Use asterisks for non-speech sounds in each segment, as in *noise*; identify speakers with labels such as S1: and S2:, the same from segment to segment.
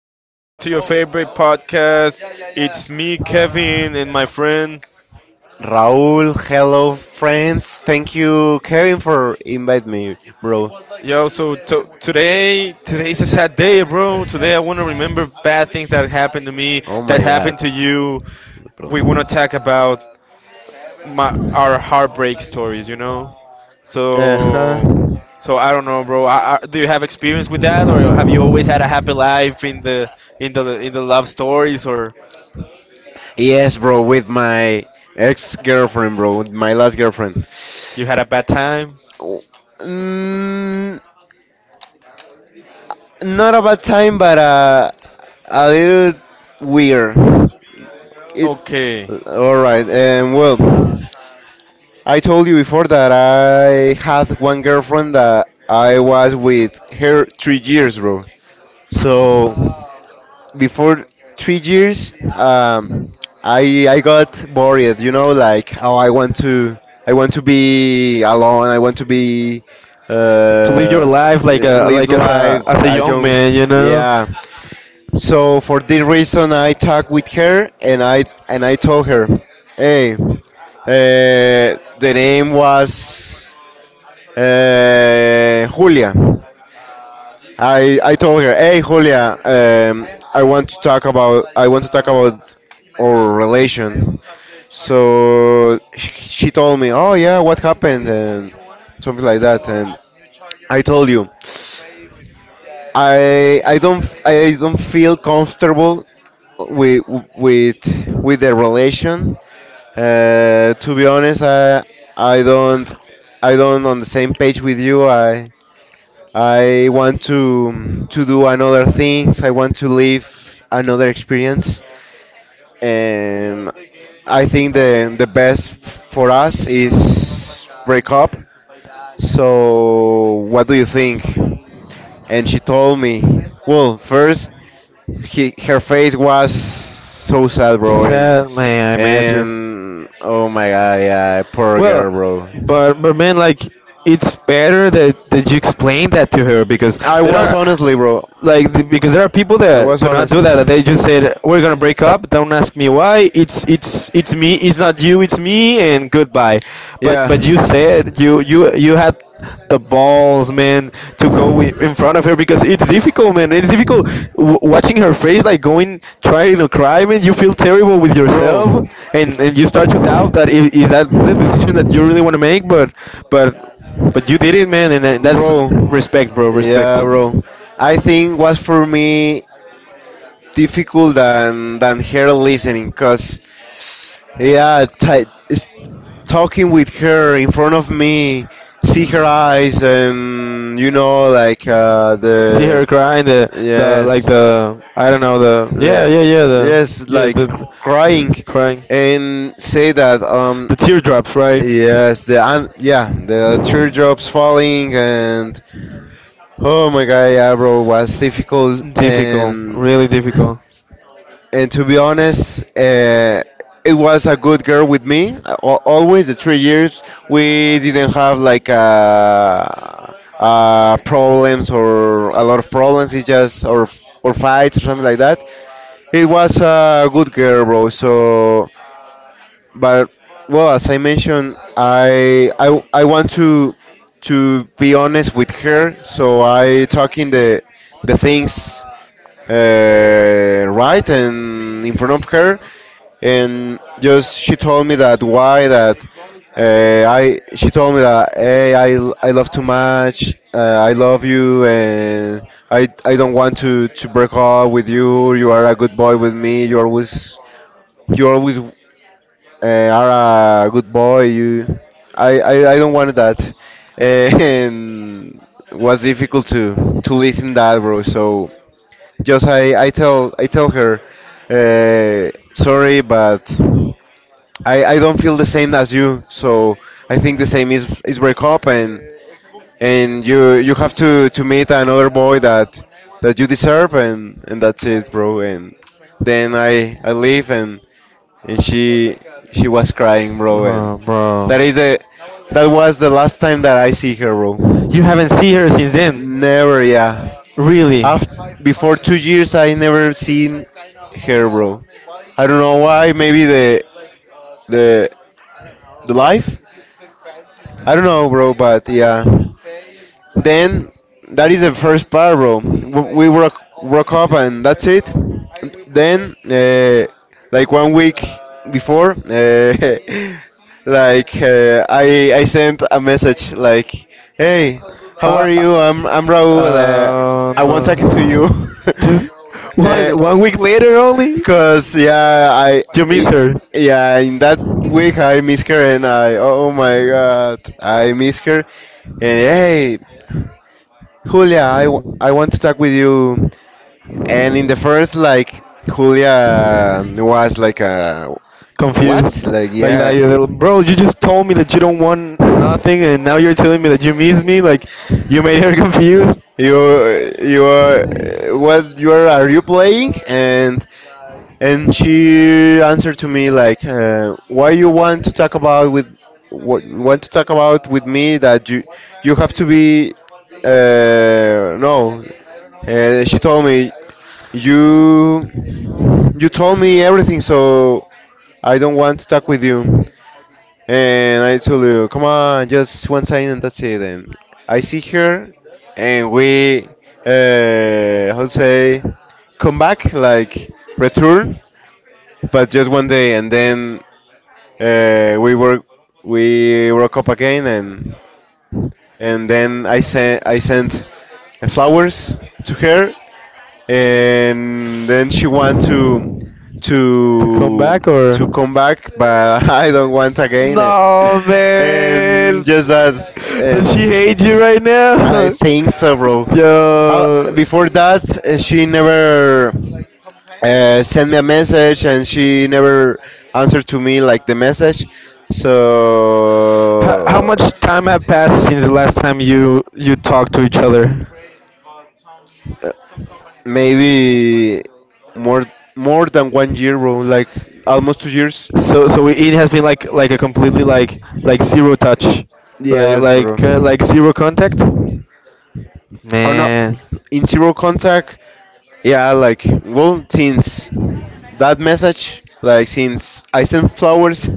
S1: welcome back to your favorite podcast. It's me, Kevin, and my friend.
S2: Raul, hello friends. Thank you, Kevin, for invite me, bro.
S1: Yo, so today's a sad day, bro. Today I want to remember bad things that happened to me,
S2: Oh
S1: that
S2: my god.
S1: happened to you.
S2: Bro.
S1: We want to talk about my our heartbreak stories.
S2: Uh huh.
S1: So, so I don't know, bro. Do you have experience with that, or have you always had a happy life in the in the love stories, or
S2: Yes, bro, with my ex girlfriend, bro, with my last girlfriend.
S1: you had a bad time?
S2: Oh, Mm, not a bad time, but a little weird. It.
S1: Okay,
S2: All right. Well. I told you before that I had one girlfriend that I was with her 3 years, bro. So before 3 years, I got worried, you know, like oh, I want to be alone, I want to be uh,
S1: to live your
S2: uh,
S1: life like a
S2: live the
S1: like
S2: life,
S1: as a
S2: a
S1: young
S2: young,
S1: man.
S2: yeah. So for this reason, I talked with her and I told her, "Hey, the name was Julia." I told her, "Hey, Julia, I want to talk about our relation." So she told me, "Oh yeah, what happened?" and something like that. And I told you. I don't feel comfortable with with with the relation. To be honest, I don't I don't on the same page with you. I want to do another things. I want to live another experience, and I think the best for us is break up so, what do you think? And she told me, well, first, her face was so sad, bro, and
S1: Sad man, I imagine.
S2: and oh my god, yeah, poor
S1: Well,
S2: girl, bro.
S1: but man, like, it's better that you explain that to her. Because
S2: I
S1: there
S2: was
S1: are Yeah.
S2: honestly, bro.
S1: Because there are people
S2: I
S1: that
S2: was
S1: do not
S2: honest.
S1: do that. That they just said we're gonna break up. Don't ask me why. It's me. It's not you. It's me. And goodbye. But
S2: Yeah.
S1: but you said you had the balls, man, to go in front of her because it's difficult, man. It's difficult watching her face, like going, trying to cry, man. You feel terrible with yourself,
S2: Bro.
S1: and you start to doubt that is that the decision that you really want to make. But but you did it, man, and that's
S2: Bro,
S1: respect, bro. Respect.
S2: yeah, bro. I think was for me difficult than her listening, cause yeah, talking with her in front of me, see her eyes, and you know, like
S1: See her cry, and the, like
S2: yes,
S1: the, I don't know, the, yeah,
S2: the
S1: yeah, yeah, the,
S2: yes,
S1: yeah,
S2: like crying,
S1: the *laughs* crying,
S2: and say that
S1: the teardrops, right?
S2: yes, yeah, the teardrops falling and. Oh my god, yeah, bro, was
S1: S-
S2: difficult,
S1: Difficult,
S2: and
S1: really difficult.
S2: and to be honest, it was a good girl with me. Always the 3 years we didn't have like problems or a lot of problems. It just or fights or something like that. It was a good girl, bro. So but well, as I mentioned, I want to be honest with her, so I talking the things right and in front of her, and just she told me that why that I she told me that hey I love too much I love you and I don't want to break up with you are a good boy with me you always are a good boy. You, I don't want that, *laughs* and was difficult to listen that, bro. So just I tell her, sorry, but I don't feel the same as you. So I think the same is break up and you have to meet another boy that you deserve and that's it, bro. And then I leave and she was crying, bro. And
S1: Oh, bro,
S2: that is the that was the last time that I see her, bro.
S1: you haven't seen her since then?
S2: Never, yeah.
S1: Really?
S2: After Before 2 years, I never seen her, bro. I don't know why. Maybe the the life. I don't know, bro. But yeah. Then that is the first part, bro. We work up and that's it. Then like one week before, *laughs* like I sent a message like, hey, how are you? I'm Raul. I want talking to you.
S1: Um, just
S2: *laughs* uh,
S1: one week later only.
S2: Cause yeah,
S1: You
S2: i-
S1: miss her.
S2: yeah, in that week I miss her and I, oh my god, I miss her. And hey, Julia, I want to talk with you. And in the first, like, Julia was like,
S1: Confused,
S2: what? Like,
S1: like that.
S2: yeah.
S1: You're like, "Bro, you just told me that you don't want nothing, and now you're telling me that you miss me. Like, you made her *laughs* confused."
S2: You, are, what, you are you playing? And she answered to me like, why you want to talk about with, what, want to talk about with me that you have to be, no. She told me you you told me everything so I don't want to talk with you and I told you come on just one sign and that's it and I see her and we how to say come back like return but just one day and then uh, we work, we broke up again and then I sent flowers to her and then she want
S1: To come
S2: to
S1: back or?
S2: to come back, but *laughs* I don't want again. It.
S1: No,
S2: And
S1: man.
S2: just that, and
S1: Does she hate you right
S2: I
S1: now?
S2: think so, bro.
S1: *laughs*
S2: Uh,
S1: Yo.
S2: Before that, she never sent me a message, and she never answered to me like the message.
S1: How
S2: So
S1: much time have passed since the last time you talked to each other?
S2: uh, maybe more more than one year, bro. Like almost 2 years.
S1: So, it has been like a completely, like zero touch, like,
S2: Yes, bro.
S1: like zero contact.
S2: Or not
S1: Man,
S2: in zero contact. Yeah, like well, since that message, like since I sent flowers,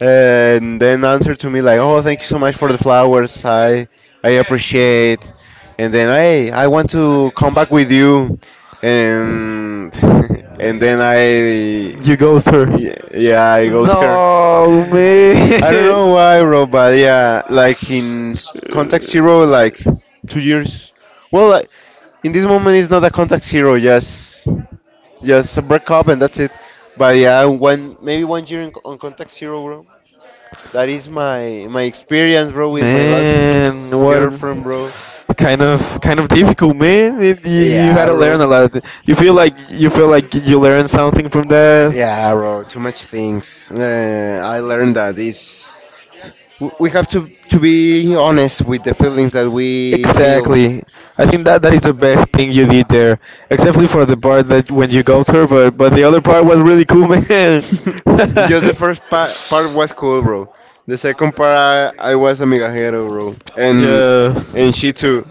S2: and then answer to me like, oh, thank you so much for the flowers. I appreciate. And then hey, I want to come back with you, and *laughs* and then I
S1: you go, sir.
S2: yeah, yeah I goes her.
S1: No,
S2: I don't
S1: man.
S2: know
S1: *laughs*
S2: why, bro, but yeah, like in Contact Zero, like 2 years. Well, like, in this moment, it's not a Contact Zero, just a breakup and that's it. But yeah, one year in, on Contact Zero, bro. That is my experience, bro, with my
S1: Man,
S2: last
S1: what
S2: girlfriend, bro.
S1: kind of difficult, man. You had
S2: Yeah,
S1: to learn a
S2: bro.
S1: lot. You feel like you learned something from that.
S2: Yeah, bro. Too much things. I learned that it's we have to be honest with the feelings that we feel.
S1: Exactly. I think that is the best thing you did there, except for the part that when you go through, but the other part was really cool, man.
S2: *laughs* Just the first pa part was cool, bro. The
S1: *laughs*
S2: second part, I was a migajero, bro, and
S1: Yeah.
S2: and she too.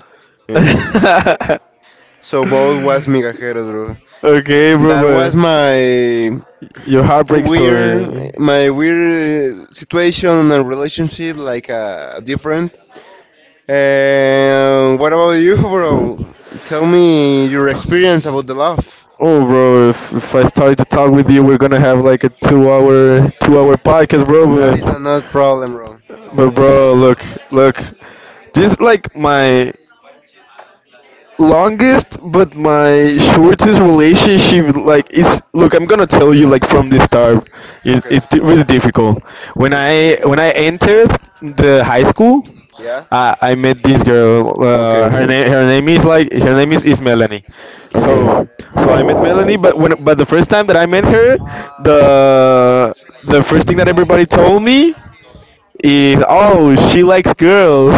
S2: *laughs*
S1: *laughs*
S2: So both was migajeros, bro.
S1: Okay, bro,
S2: That was
S1: but
S2: my
S1: your heartbreak
S2: weird,
S1: story.
S2: my weird situation and relationship, like different. And what about you, *laughs* bro? Tell me your experience about the love.
S1: Oh, bro, if I started to talk with you, we're gonna have like a two-hour, two-hour podcast,
S2: That
S1: bro.
S2: is
S1: But,
S2: another problem, bro.
S1: Bro, look, this is like my longest but my shortest relationship. Like, it's look I'm gonna tell you, like, from the start. Really difficult when I entered the high school.
S2: Yeah.
S1: I met this girl. Her name is like her name is Melanie. So so I met Melanie, but the first time that I met her, the the first thing that everybody told me is, "Oh, she likes girls."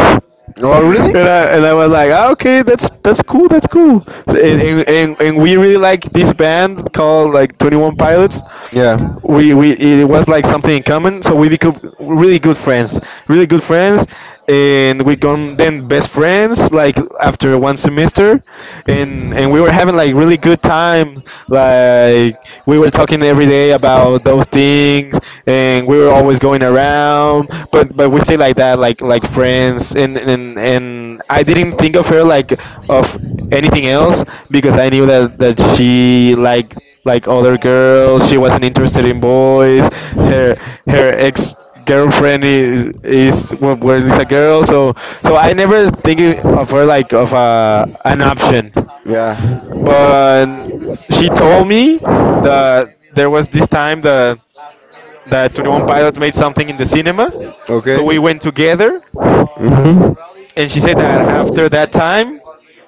S2: So. Oh, really?
S1: And I was like, "Ah, okay, that's cool, that's cool." So, and we really like this band called, like, Twenty One Pilots.
S2: Yeah.
S1: We, we it was like something in common, so we became really good friends, really good friends, and we become then best friends, like after one semester. And we were having, like, really good times, like we were talking every day about those things, and we were always going around, but we say like that, like friends. And I didn't think of her, like, of anything else, because I knew that she like other girls. She wasn't interested in boys. Her her ex girlfriend was a girl. So I never think of her, like, of a an option.
S2: Yeah.
S1: But she told me that there was this time that Twenty One Pilots made something in the cinema. So
S2: Okay.
S1: we went together,
S2: Mhm.
S1: and she said that after that time,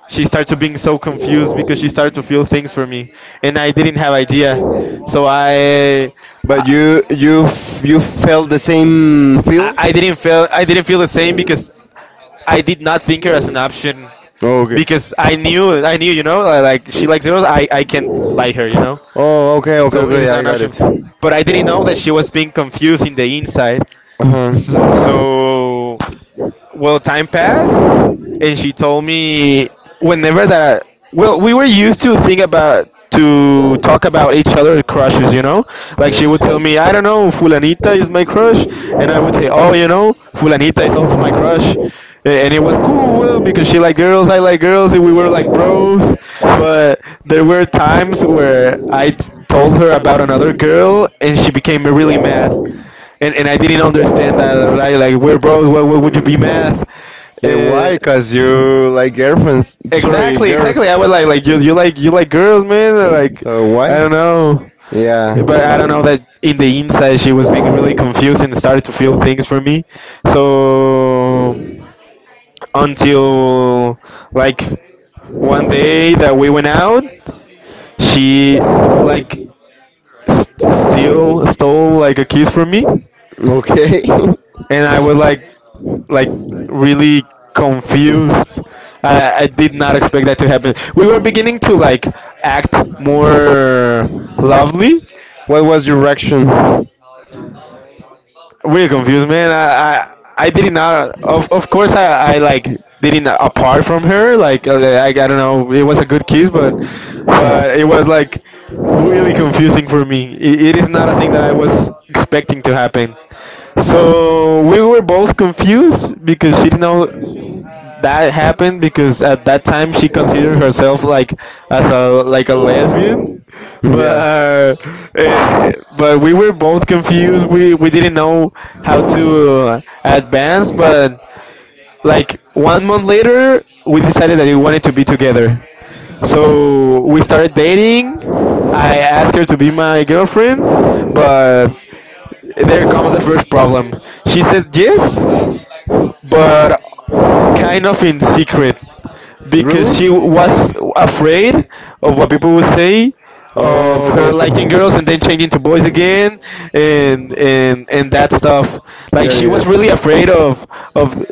S1: she started to being so confused because she started to feel things for me, and I didn't have idea. So
S2: But
S1: I,
S2: you you felt the same I, feel?
S1: I didn't feel the same because I did not think her as an option,
S2: Okay.
S1: because I knew you know, like she likes girls. I can like her,
S2: Oh, okay, okay,
S1: so it is
S2: okay. I
S1: not an
S2: got
S1: option.
S2: it.
S1: But I didn't know that she was being confused in the inside.
S2: Uh-huh.
S1: So,
S2: So.
S1: so well, time passed, and she told me, whenever that, well, we were used to think about to talk about each other crushes. Like, she would tell me, "I don't know, Fulanita is my crush." And I would say, "Oh, Fulanita is also my crush." And it was cool. Well, because she liked girls, I like girls, and we were like bros. But there were times where I told her about another girl, and she became really mad, and I didn't understand that. Like, we're bros, why would you be mad?
S2: Yeah,
S1: uh,
S2: why? Cause you like girlfriends. Sorry,
S1: Exactly, exactly. I was like, "You like girls, man." Like,
S2: so I
S1: I
S2: why?
S1: don't know,
S2: Yeah.
S1: but I don't know that in the inside she was being really confused and started to feel things for me. So until, like, one day that we went out, she like still stole, like, a kiss from me.
S2: Feeling, okay. *laughs* and
S1: And I was like, really confused. I did not expect that to happen. We were beginning to, like, act more lovely.
S2: what was your reaction? Man,
S1: Really confused, man. I did not. Of course, I like didn't apart from her. Like, I don't know. It was a good kiss, but it was like really confusing for me. It is not a thing that I was expecting to happen. So we were both confused because she didn't know that happened, because at that time she considered herself like a lesbian. But uh, but we were both confused, we didn't know how to advance. But like one month later, we decided that we wanted to be together, so we started dating. I asked her to be my girlfriend, but there comes the first problem. She said yes, but kind of in secret, because she
S2: really?
S1: was afraid of what people would say, of
S2: Oh,
S1: her
S2: okay,
S1: liking girls and then changing to boys again, and that stuff. Like, she was really afraid of,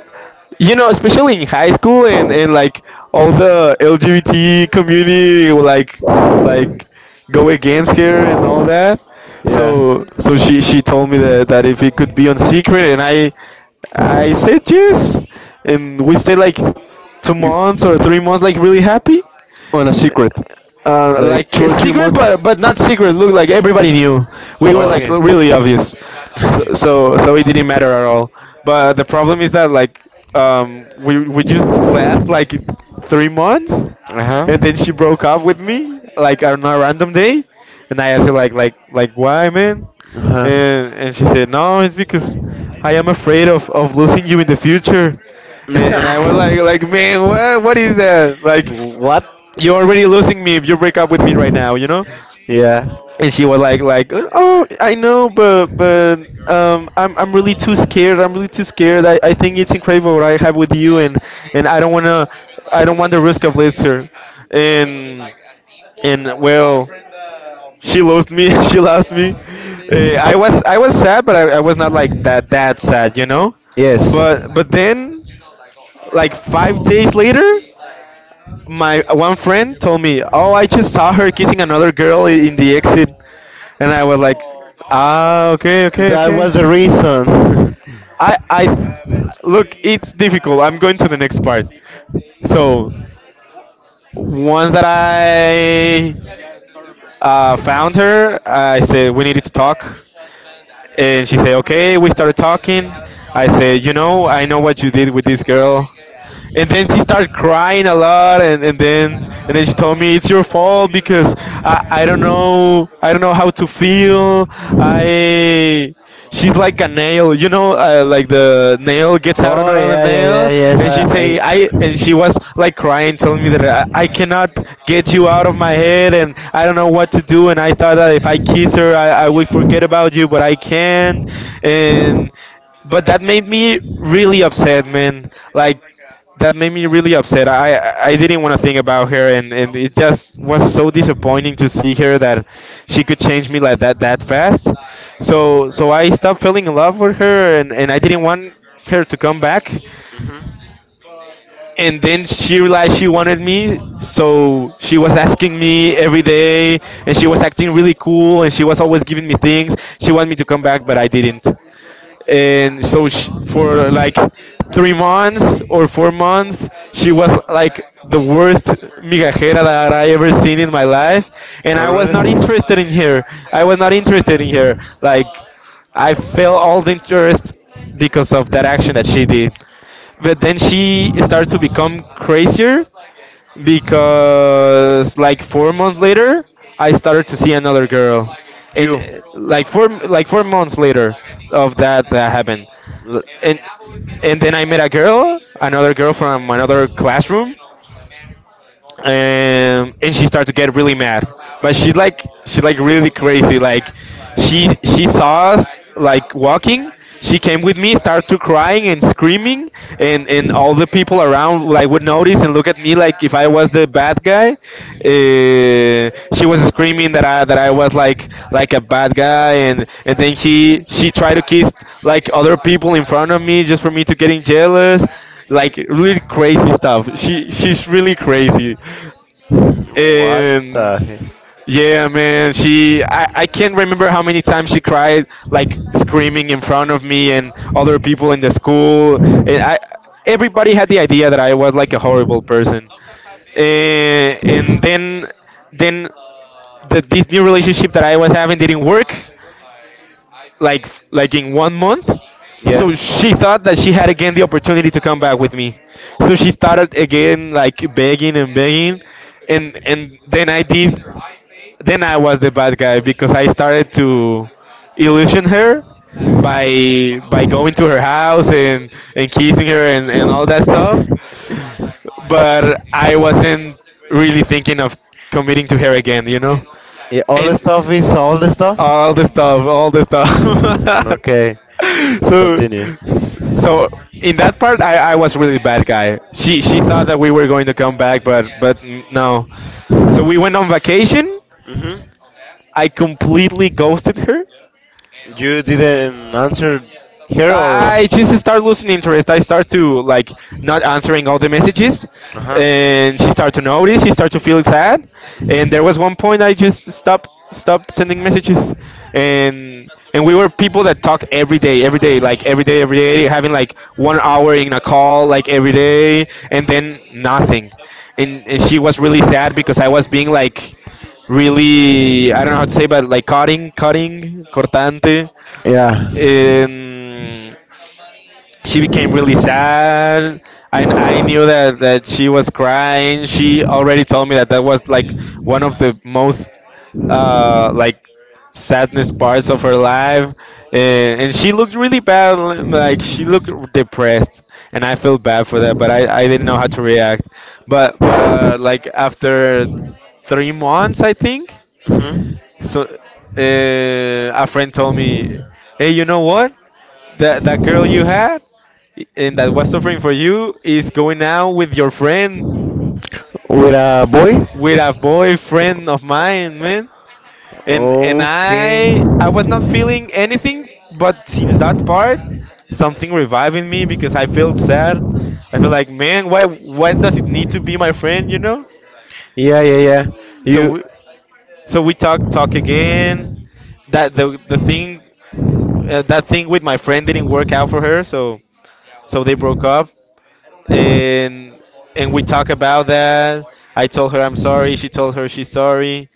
S1: you know, especially in high school, and, like, all the LGBT community will, like go against her and all that. So she told me that, if it could be on secret, and I said yes, and we stayed like 2 months or 3 months, like really happy.
S2: on a secret,
S1: Like, secret, but not secret. Look, like everybody knew. We were like really obvious,
S2: *laughs*
S1: so it didn't matter at all. But the problem is that, like, we just last like 3 months,
S2: uh
S1: and then she
S2: huh.
S1: broke up with me like on a random day, and I asked her, like, "Why, man?"
S2: Uh huh.
S1: And she said, "No, it's because I am afraid of losing you in the future." And I was like,
S2: I.
S1: "Man, what is that?
S2: *laughs*
S1: Like,
S2: W- *laughs*
S1: you're already losing me if you break up with me right now, you know?" And she was like, "Oh, I know, but, I'm really too scared. I'm really too scared. I think it's incredible what I have with you, and, and I don't wanna, I don't want the risk of losing her, and, and, well, she lost me." *laughs* She lost me. I was sad, but I was not that sad, you know?
S2: Yes.
S1: But,
S2: But
S1: but then, like 5 days later, my one friend told me, "Oh, I just saw her kissing another girl in the exit,"
S2: and
S1: and I was like, "Ah, okay, okay,
S2: that
S1: okay."
S2: was the reason. *laughs*
S1: I, I, Look, it's difficult. I'm going to the next part. So once that I found her, I said we needed to talk, and she said, "Okay." We started talking. I said, "You know, I know what you did with this girl." And then she started crying a lot and then she told me it's your fault because I don't know how to feel. I She's like a nail, like the nail gets out on
S2: Oh
S1: her
S2: yeah, yeah,
S1: nail,
S2: yeah,
S1: and she
S2: yes.
S1: say I and she
S2: I
S1: was like crying, telling me that I cannot get you out of my head, and I don't know what to do, and I thought that if I kiss her, I would forget about you, but I can't. And but that made me really upset, man, like that made me really upset. I didn't want to think about her, and it just was so disappointing to see her that she could change me like that fast. So I stopped falling in love with her, and I didn't want her to come back. And then she realized she wanted me, so she was asking me every day, and she was acting really cool, and she was always giving me things. She wanted me to come back, but I didn't. And so sh for like 3 months or 4 months she was like the worst migajera that I ever seen in my life, and I was not interested in her. I was not interested in her.
S2: Mhm.
S1: Like,
S2: Alright.
S1: I felt all the interest because of that action that she did, but then she started to become crazier, because like 4 months later I started to see another girl. And
S2: You.
S1: Like 4 months later of that happened,
S2: L-
S1: and and then I met a girl, another girl from another classroom, and she started to get really mad. But she like really crazy. Like, she saw us like walking. She came with me, started to crying and screaming, and all the people around like would notice and look at me like if I was the bad guy. She was screaming that I was like a bad guy, and then she tried to kiss like other people in front of me just for me to getting jealous, like really crazy stuff. She's really crazy,
S2: What
S1: and
S2: the heck?
S1: yeah, man. She, I can't remember how many times she cried, like screaming in front of me and other people in the school. And I, everybody had the idea that I was like a horrible person, and then this new relationship that I was having didn't work like in one month.
S2: Yeah.
S1: So she thought that she had again the opportunity to come back with me. So she started again like begging and begging, and then I was the bad guy because I started to illusion her by going to her house and kissing her, and all that stuff. But I wasn't really thinking of committing to her again, you know.
S2: Yeah, all the
S1: And
S2: stuff is all the stuff?
S1: all the
S2: *laughs*
S1: stuff, all the stuff.
S2: Okay,
S1: *laughs* so,
S2: continue.
S1: so in that part, I was really bad guy. She thought that we were going to come back, but no. So we went on vacation.
S2: Hmm.
S1: I completely ghosted her.
S2: You didn't answer here or?
S1: I just start losing interest. I start to like not answering all the messages,
S2: Uh huh.
S1: and she start to notice. She start to feel sad, and there was
S2: Hmm.
S1: one point I just stopped sending messages, and we were people that talk every day, like every day, having like one hour in a call like every day, and then nothing, and she was really sad because I was being like really, I don't know how to say, but like cutting, cutting, cortante.
S2: Yeah.
S1: Um, she became really sad, and I knew that she was crying. She already told me that that was like one of the most, like, sadness parts of her life, and she looked really bad, like she looked depressed, and I felt bad for that, but I didn't know how to react. But like after 3 months, I think.
S2: Mhm.
S1: So a friend told me, "Hey, you know what, that girl you had and that was suffering for you is going out with your friend,"
S2: With a boy? And,
S1: with a boyfriend of mine, man. And I was not feeling anything, but since that part, something revived in me because I felt sad. I feel like, man, why does it need to be my friend, you know?
S2: yeah, yeah, yeah.
S1: So
S2: You
S1: we, so we talk again. That the the thing that thing with my friend didn't work out for her, so they broke up. and and we talk about that. I told her I'm sorry. She told her she's sorry,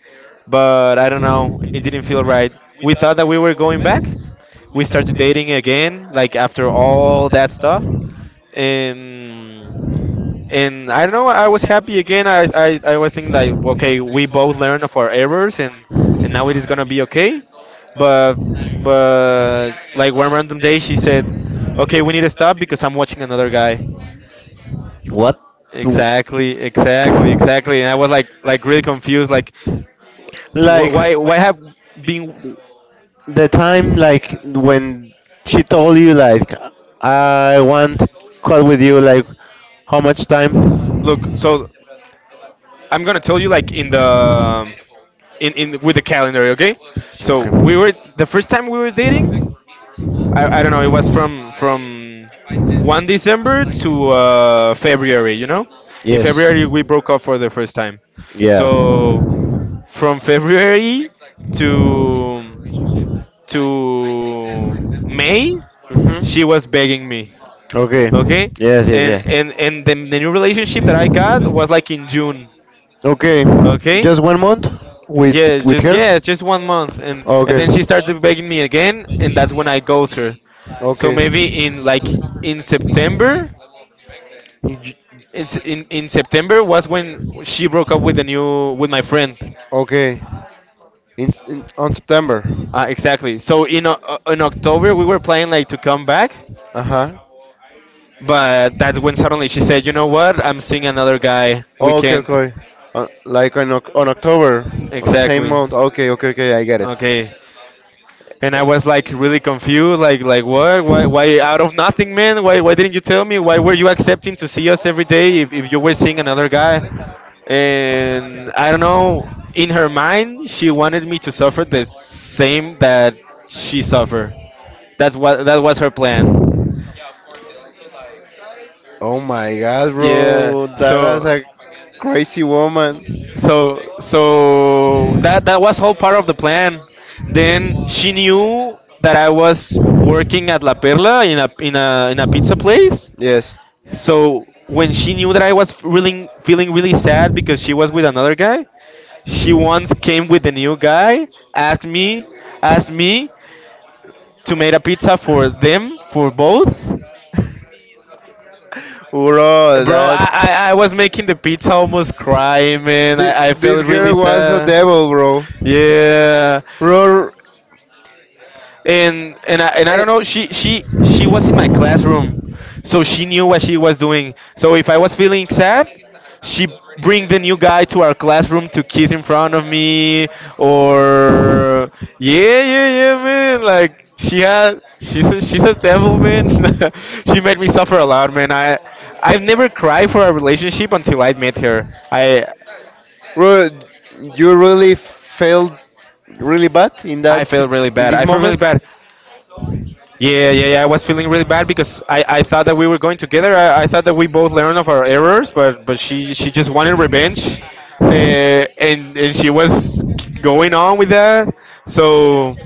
S1: but I don't know. It didn't feel right. We thought that we were going back. We started dating again, like after all that stuff, and and I don't know. I was happy again. I was thinking like, okay, we both learned of our errors, and now it is gonna be okay. But but like one random day, she said, "Okay, we need to stop because I'm watching another guy."
S2: what? Do-
S1: Exactly, exactly, exactly. And I was like really confused. Like, d- wh-
S2: Like,
S1: why, why have been?
S2: the time like when she told you like I want call with you like how much time?
S1: Look, so I'm gonna tell you like in the, in with the calendar,
S2: Okay.
S1: okay? So we were, the first time we were dating, I don't know, it was from one December to February. You know, in
S2: Yes.
S1: February we broke up for the first time.
S2: Yeah.
S1: So from February to to May she was
S2: Mhm.
S1: begging me,
S2: Okay.
S1: okay,
S2: Yes, yes,
S1: and
S2: yeah.
S1: and and the, the new relationship that I got was like in June.
S2: Okay,
S1: Okay,
S2: one month with.
S1: yeah, just, yes, just one month, and then she started begging me again, and that's when I ghost her.
S2: So
S1: So maybe in like in September.
S2: you
S1: In, Se- in in September was when she broke up with the new, with my friend.
S2: okay. In on September.
S1: Exactly. So in in october we were planning like to come back,
S2: Huh.
S1: but that's when suddenly she said, "You know what, I'm seeing another guy. We can't."
S2: Okay. Uh, like on on October, on same exactly.
S1: Exactly.
S2: Month. Okay, okay, okay. I get it.
S1: Okay. And I was like really confused, like what, why out of nothing, man? Why didn't you tell me? Why were you accepting to see us every day if you were seeing another guy? And I don't know. In her mind, she wanted me to suffer the same that she suffered. That's what, that was her plan.
S2: Oh my god,
S1: Yeah.
S2: bro, that is
S1: So
S2: a crazy woman.
S1: so so that was all part of the plan. Then she knew that I was working at La Perla, in a in a pizza place.
S2: Yes,
S1: So when she knew that I was feeling really sad because she was with another guy, she once came with the new guy, asked me, asked me to make a pizza for them, for both.
S2: bro,
S1: Bro, I,
S2: that.
S1: I, I was making the pizza almost crying, man. I
S2: This
S1: felt really
S2: girl was a
S1: sad.
S2: devil, bro.
S1: Yeah.
S2: Bro.
S1: and and I,
S2: Eh.
S1: and I don't know, she was in my classroom, so she knew what she was doing, so if I was feeling sad, she bring the new guy to our classroom to kiss in front of me, or, yeah, yeah, yeah, man, like she's a devil, man. *laughs* She made me suffer a lot, man. I've never cried for a relationship until I met her. I
S2: Bro, you really felt really bad in that
S1: I felt really
S2: in
S1: bad.
S2: this
S1: I felt really
S2: moment.
S1: bad. Yeah, yeah, yeah, I was feeling really bad because I thought that we were going together. I thought that we both learned of our errors, but she just wanted revenge, and she was going on with that. So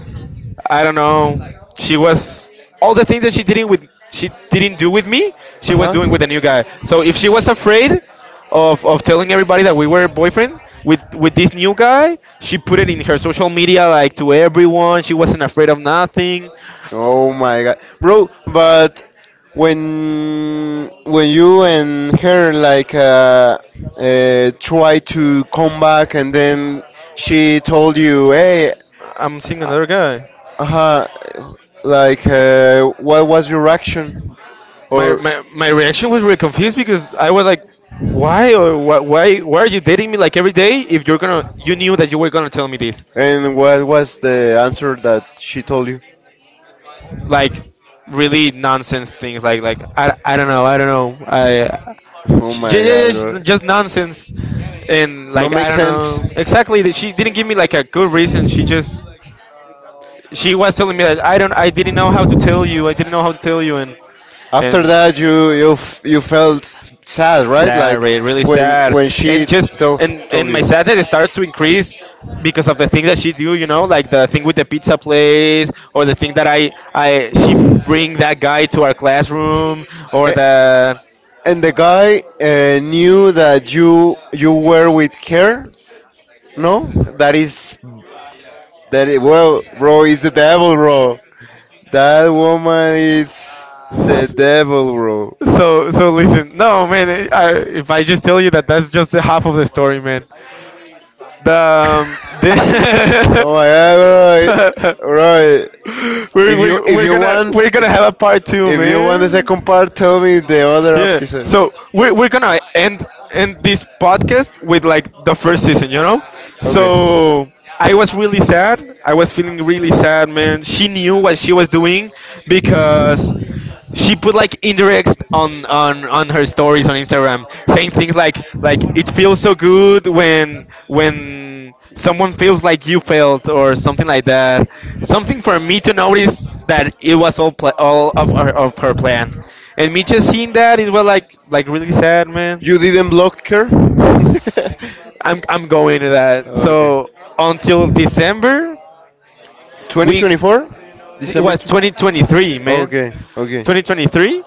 S1: I don't know. She was, all the things that she didn't with, she didn't do with me,
S2: Uh
S1: she was doing with the new guy.
S2: huh.
S1: So if she was afraid of telling everybody that we were boyfriend with this new guy, she put it in her social media like to everyone. She wasn't afraid of nothing.
S2: Oh my god, bro! But when you and her like try to come back and then she told you, hey,
S1: I'm seeing another guy.
S2: uh huh, like what was your reaction my?
S1: My reaction was really confused because I was like, why, or why, why are you dating me like every day if you're gonna you knew that you were gonna tell me this?
S2: And what was the answer that she told you? *laughs*
S1: Like really nonsense things, like I don't know. I,
S2: Oh my
S1: yeah, yeah,
S2: that
S1: yeah,
S2: god,
S1: just
S2: was bro.
S1: nonsense. And like, I don't know exactly, that she didn't give me like a good reason. She just, she was telling me that I didn't know how to tell you, I didn't know how to tell you. and
S2: After
S1: and
S2: that, you you felt sad, right? Yeah,
S1: sad,
S2: like.
S1: really sad. And just and and my sadness started to increase because of the thing that she do, you know, like the thing with the pizza place, or the thing that I she bring that guy to our classroom, or the,
S2: Eh. And the guy knew that you were with her? No? That is that well, bro, is the devil, bro. That woman is the devil, bro.
S1: so listen, no, man. If I just tell you that, that's just the half of the story, man.
S2: *laughs* Oh my god, bro.
S1: The *laughs*
S2: Bro, *laughs* we're,
S1: we're,
S2: if
S1: we're, we're
S2: you
S1: gonna
S2: want
S1: we're gonna have a part two,
S2: the
S1: man.
S2: second part, tell me the other
S1: Yeah.
S2: episode.
S1: So we're gonna end this podcast with like the first season, you know. So I was really sad. I was feeling really sad, man. She knew what she was doing because she put like indirects on her stories on Instagram, saying things like it feels so good when someone feels like you felt or something like that. Something for me to notice that it was all of her plan. And me just seeing that it was like really sad, man.
S2: You didn't block her? *laughs*
S1: I'm going to that. So until December, we
S2: 2024?
S1: it
S2: December.
S1: was 2023, man.
S2: Okay, okay.
S1: 2023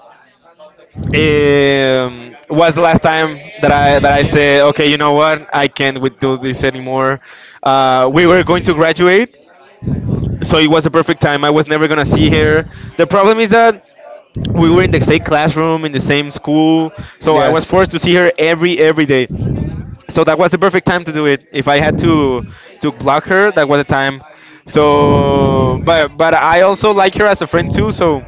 S1: was the last time that I said, okay, you know what, I can't with- do this anymore. We were going to graduate, so it was a perfect time. I was never gonna see her. The problem is that we were in the same classroom in the same school, so I was forced to see her every day, so that was the perfect time to do it. If I had to block her, that was the time. So, but I also like her as a friend too. So,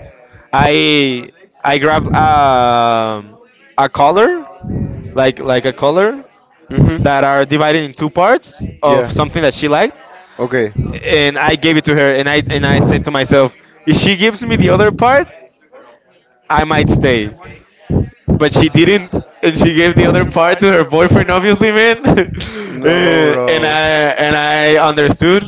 S1: I I grabbed a collar, like a collar
S2: Mm-hmm.
S1: that are divided in two parts of something that she liked,
S2: Okay.
S1: and I gave it to her. And I said to myself, if she gives me the other part, I might stay. But she didn't, and she gave the other part to her boyfriend, obviously, man. *laughs*
S2: No, and
S1: Uh, and I
S2: bro.
S1: and I understood.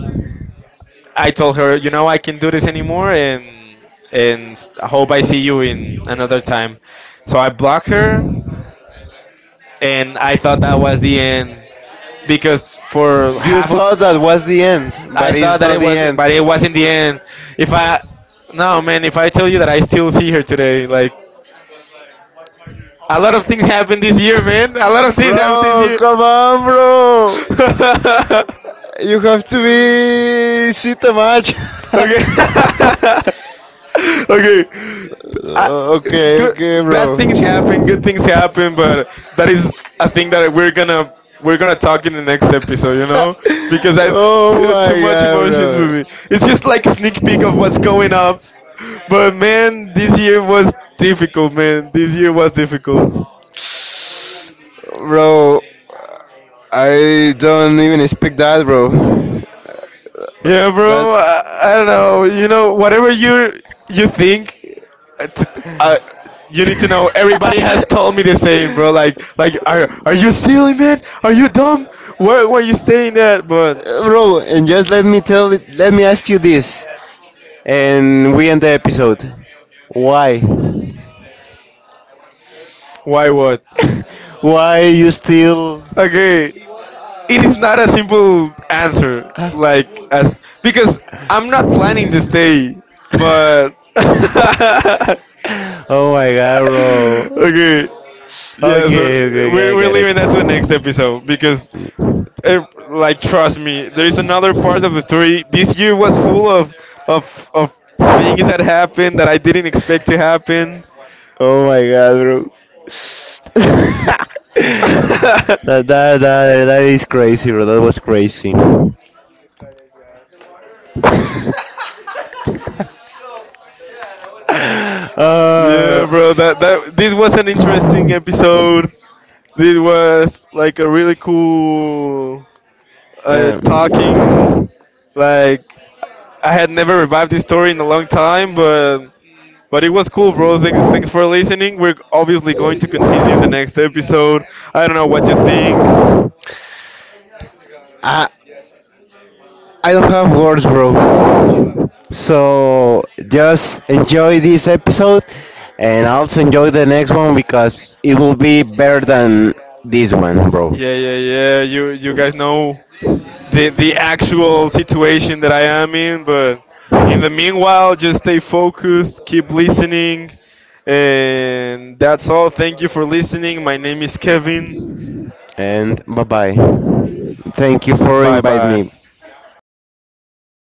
S1: I told her, you know, I can't do this anymore, and I hope I see you in another time. So I blocked her, and I thought that was the end, because for half of
S2: Was the end,
S1: I
S2: but
S1: thought that it was, but it wasn't the end. If I, No man, if I tell you that I still see her today, like a lot of things happened this year, man. A lot of
S2: *laughs*
S1: things happened this
S2: bro,
S1: year.
S2: come on,
S1: *laughs*
S2: bro.
S1: Okay.
S2: You have to be see the match. *laughs*
S1: *laughs* Okay. I,
S2: Okay. *laughs*
S1: Good
S2: Okay,
S1: bad things
S2: bad.
S1: happen, good things happen, but that is a thing that we're gonna talk in the next
S2: *laughs*
S1: episode, you
S2: *laughs* my
S1: know? Because I too much
S2: god,
S1: emotions with
S2: bro.
S1: me. It's just like a sneak peek of what's going up. But man, this year was difficult, man. This year was difficult.
S2: Bro, I don't even expect that, bro.
S1: Yeah, bro. I don't know. You know, whatever you think, it's, uh, you need to know. Everybody has told me the same, bro. Are you silly, man? Are you dumb? Where were you staying at? But
S2: Bro, and just let me tell it, let me ask you this, and we end the episode. Why? *laughs*
S1: why what?
S2: Why you still?
S1: Okay, it is not a simple answer. Like as Because I'm not
S2: Ah.
S1: planning to stay, but
S2: *laughs*
S1: *laughs*
S2: Oh my god,
S1: *laughs*
S2: bro.
S1: okay. Yeah, so
S2: Okay, okay, okay, I
S1: we're
S2: get
S1: leaving that to the next
S2: it.
S1: episode because, eh, like, trust me, there is another part of the story. This year was full of of of things that happened that I didn't expect to happen.
S2: Oh my god, bro. *laughs* that, that,
S1: *laughs*
S2: that, that, is crazy, bro. That was crazy. *laughs* Uh,
S1: Yeah, bro. That this was an interesting episode. This was like a really cool talking. Like I had never revived this story in a long time, but it was cool, bro. Thanks for listening. We're obviously going to continue in the next episode. I don't know what you think.
S2: um, I I don't have words, bro. So just enjoy this episode and also enjoy the next one because it will be better than this one, bro.
S1: Yeah, yeah, yeah. You guys know the actual situation that I am in. But in the meanwhile, just stay focused, keep listening, and that's all. Thank you for listening. My name is Kevin.
S2: And bye bye. Thank you for
S1: Bye,
S2: inviting
S1: bye.
S2: me.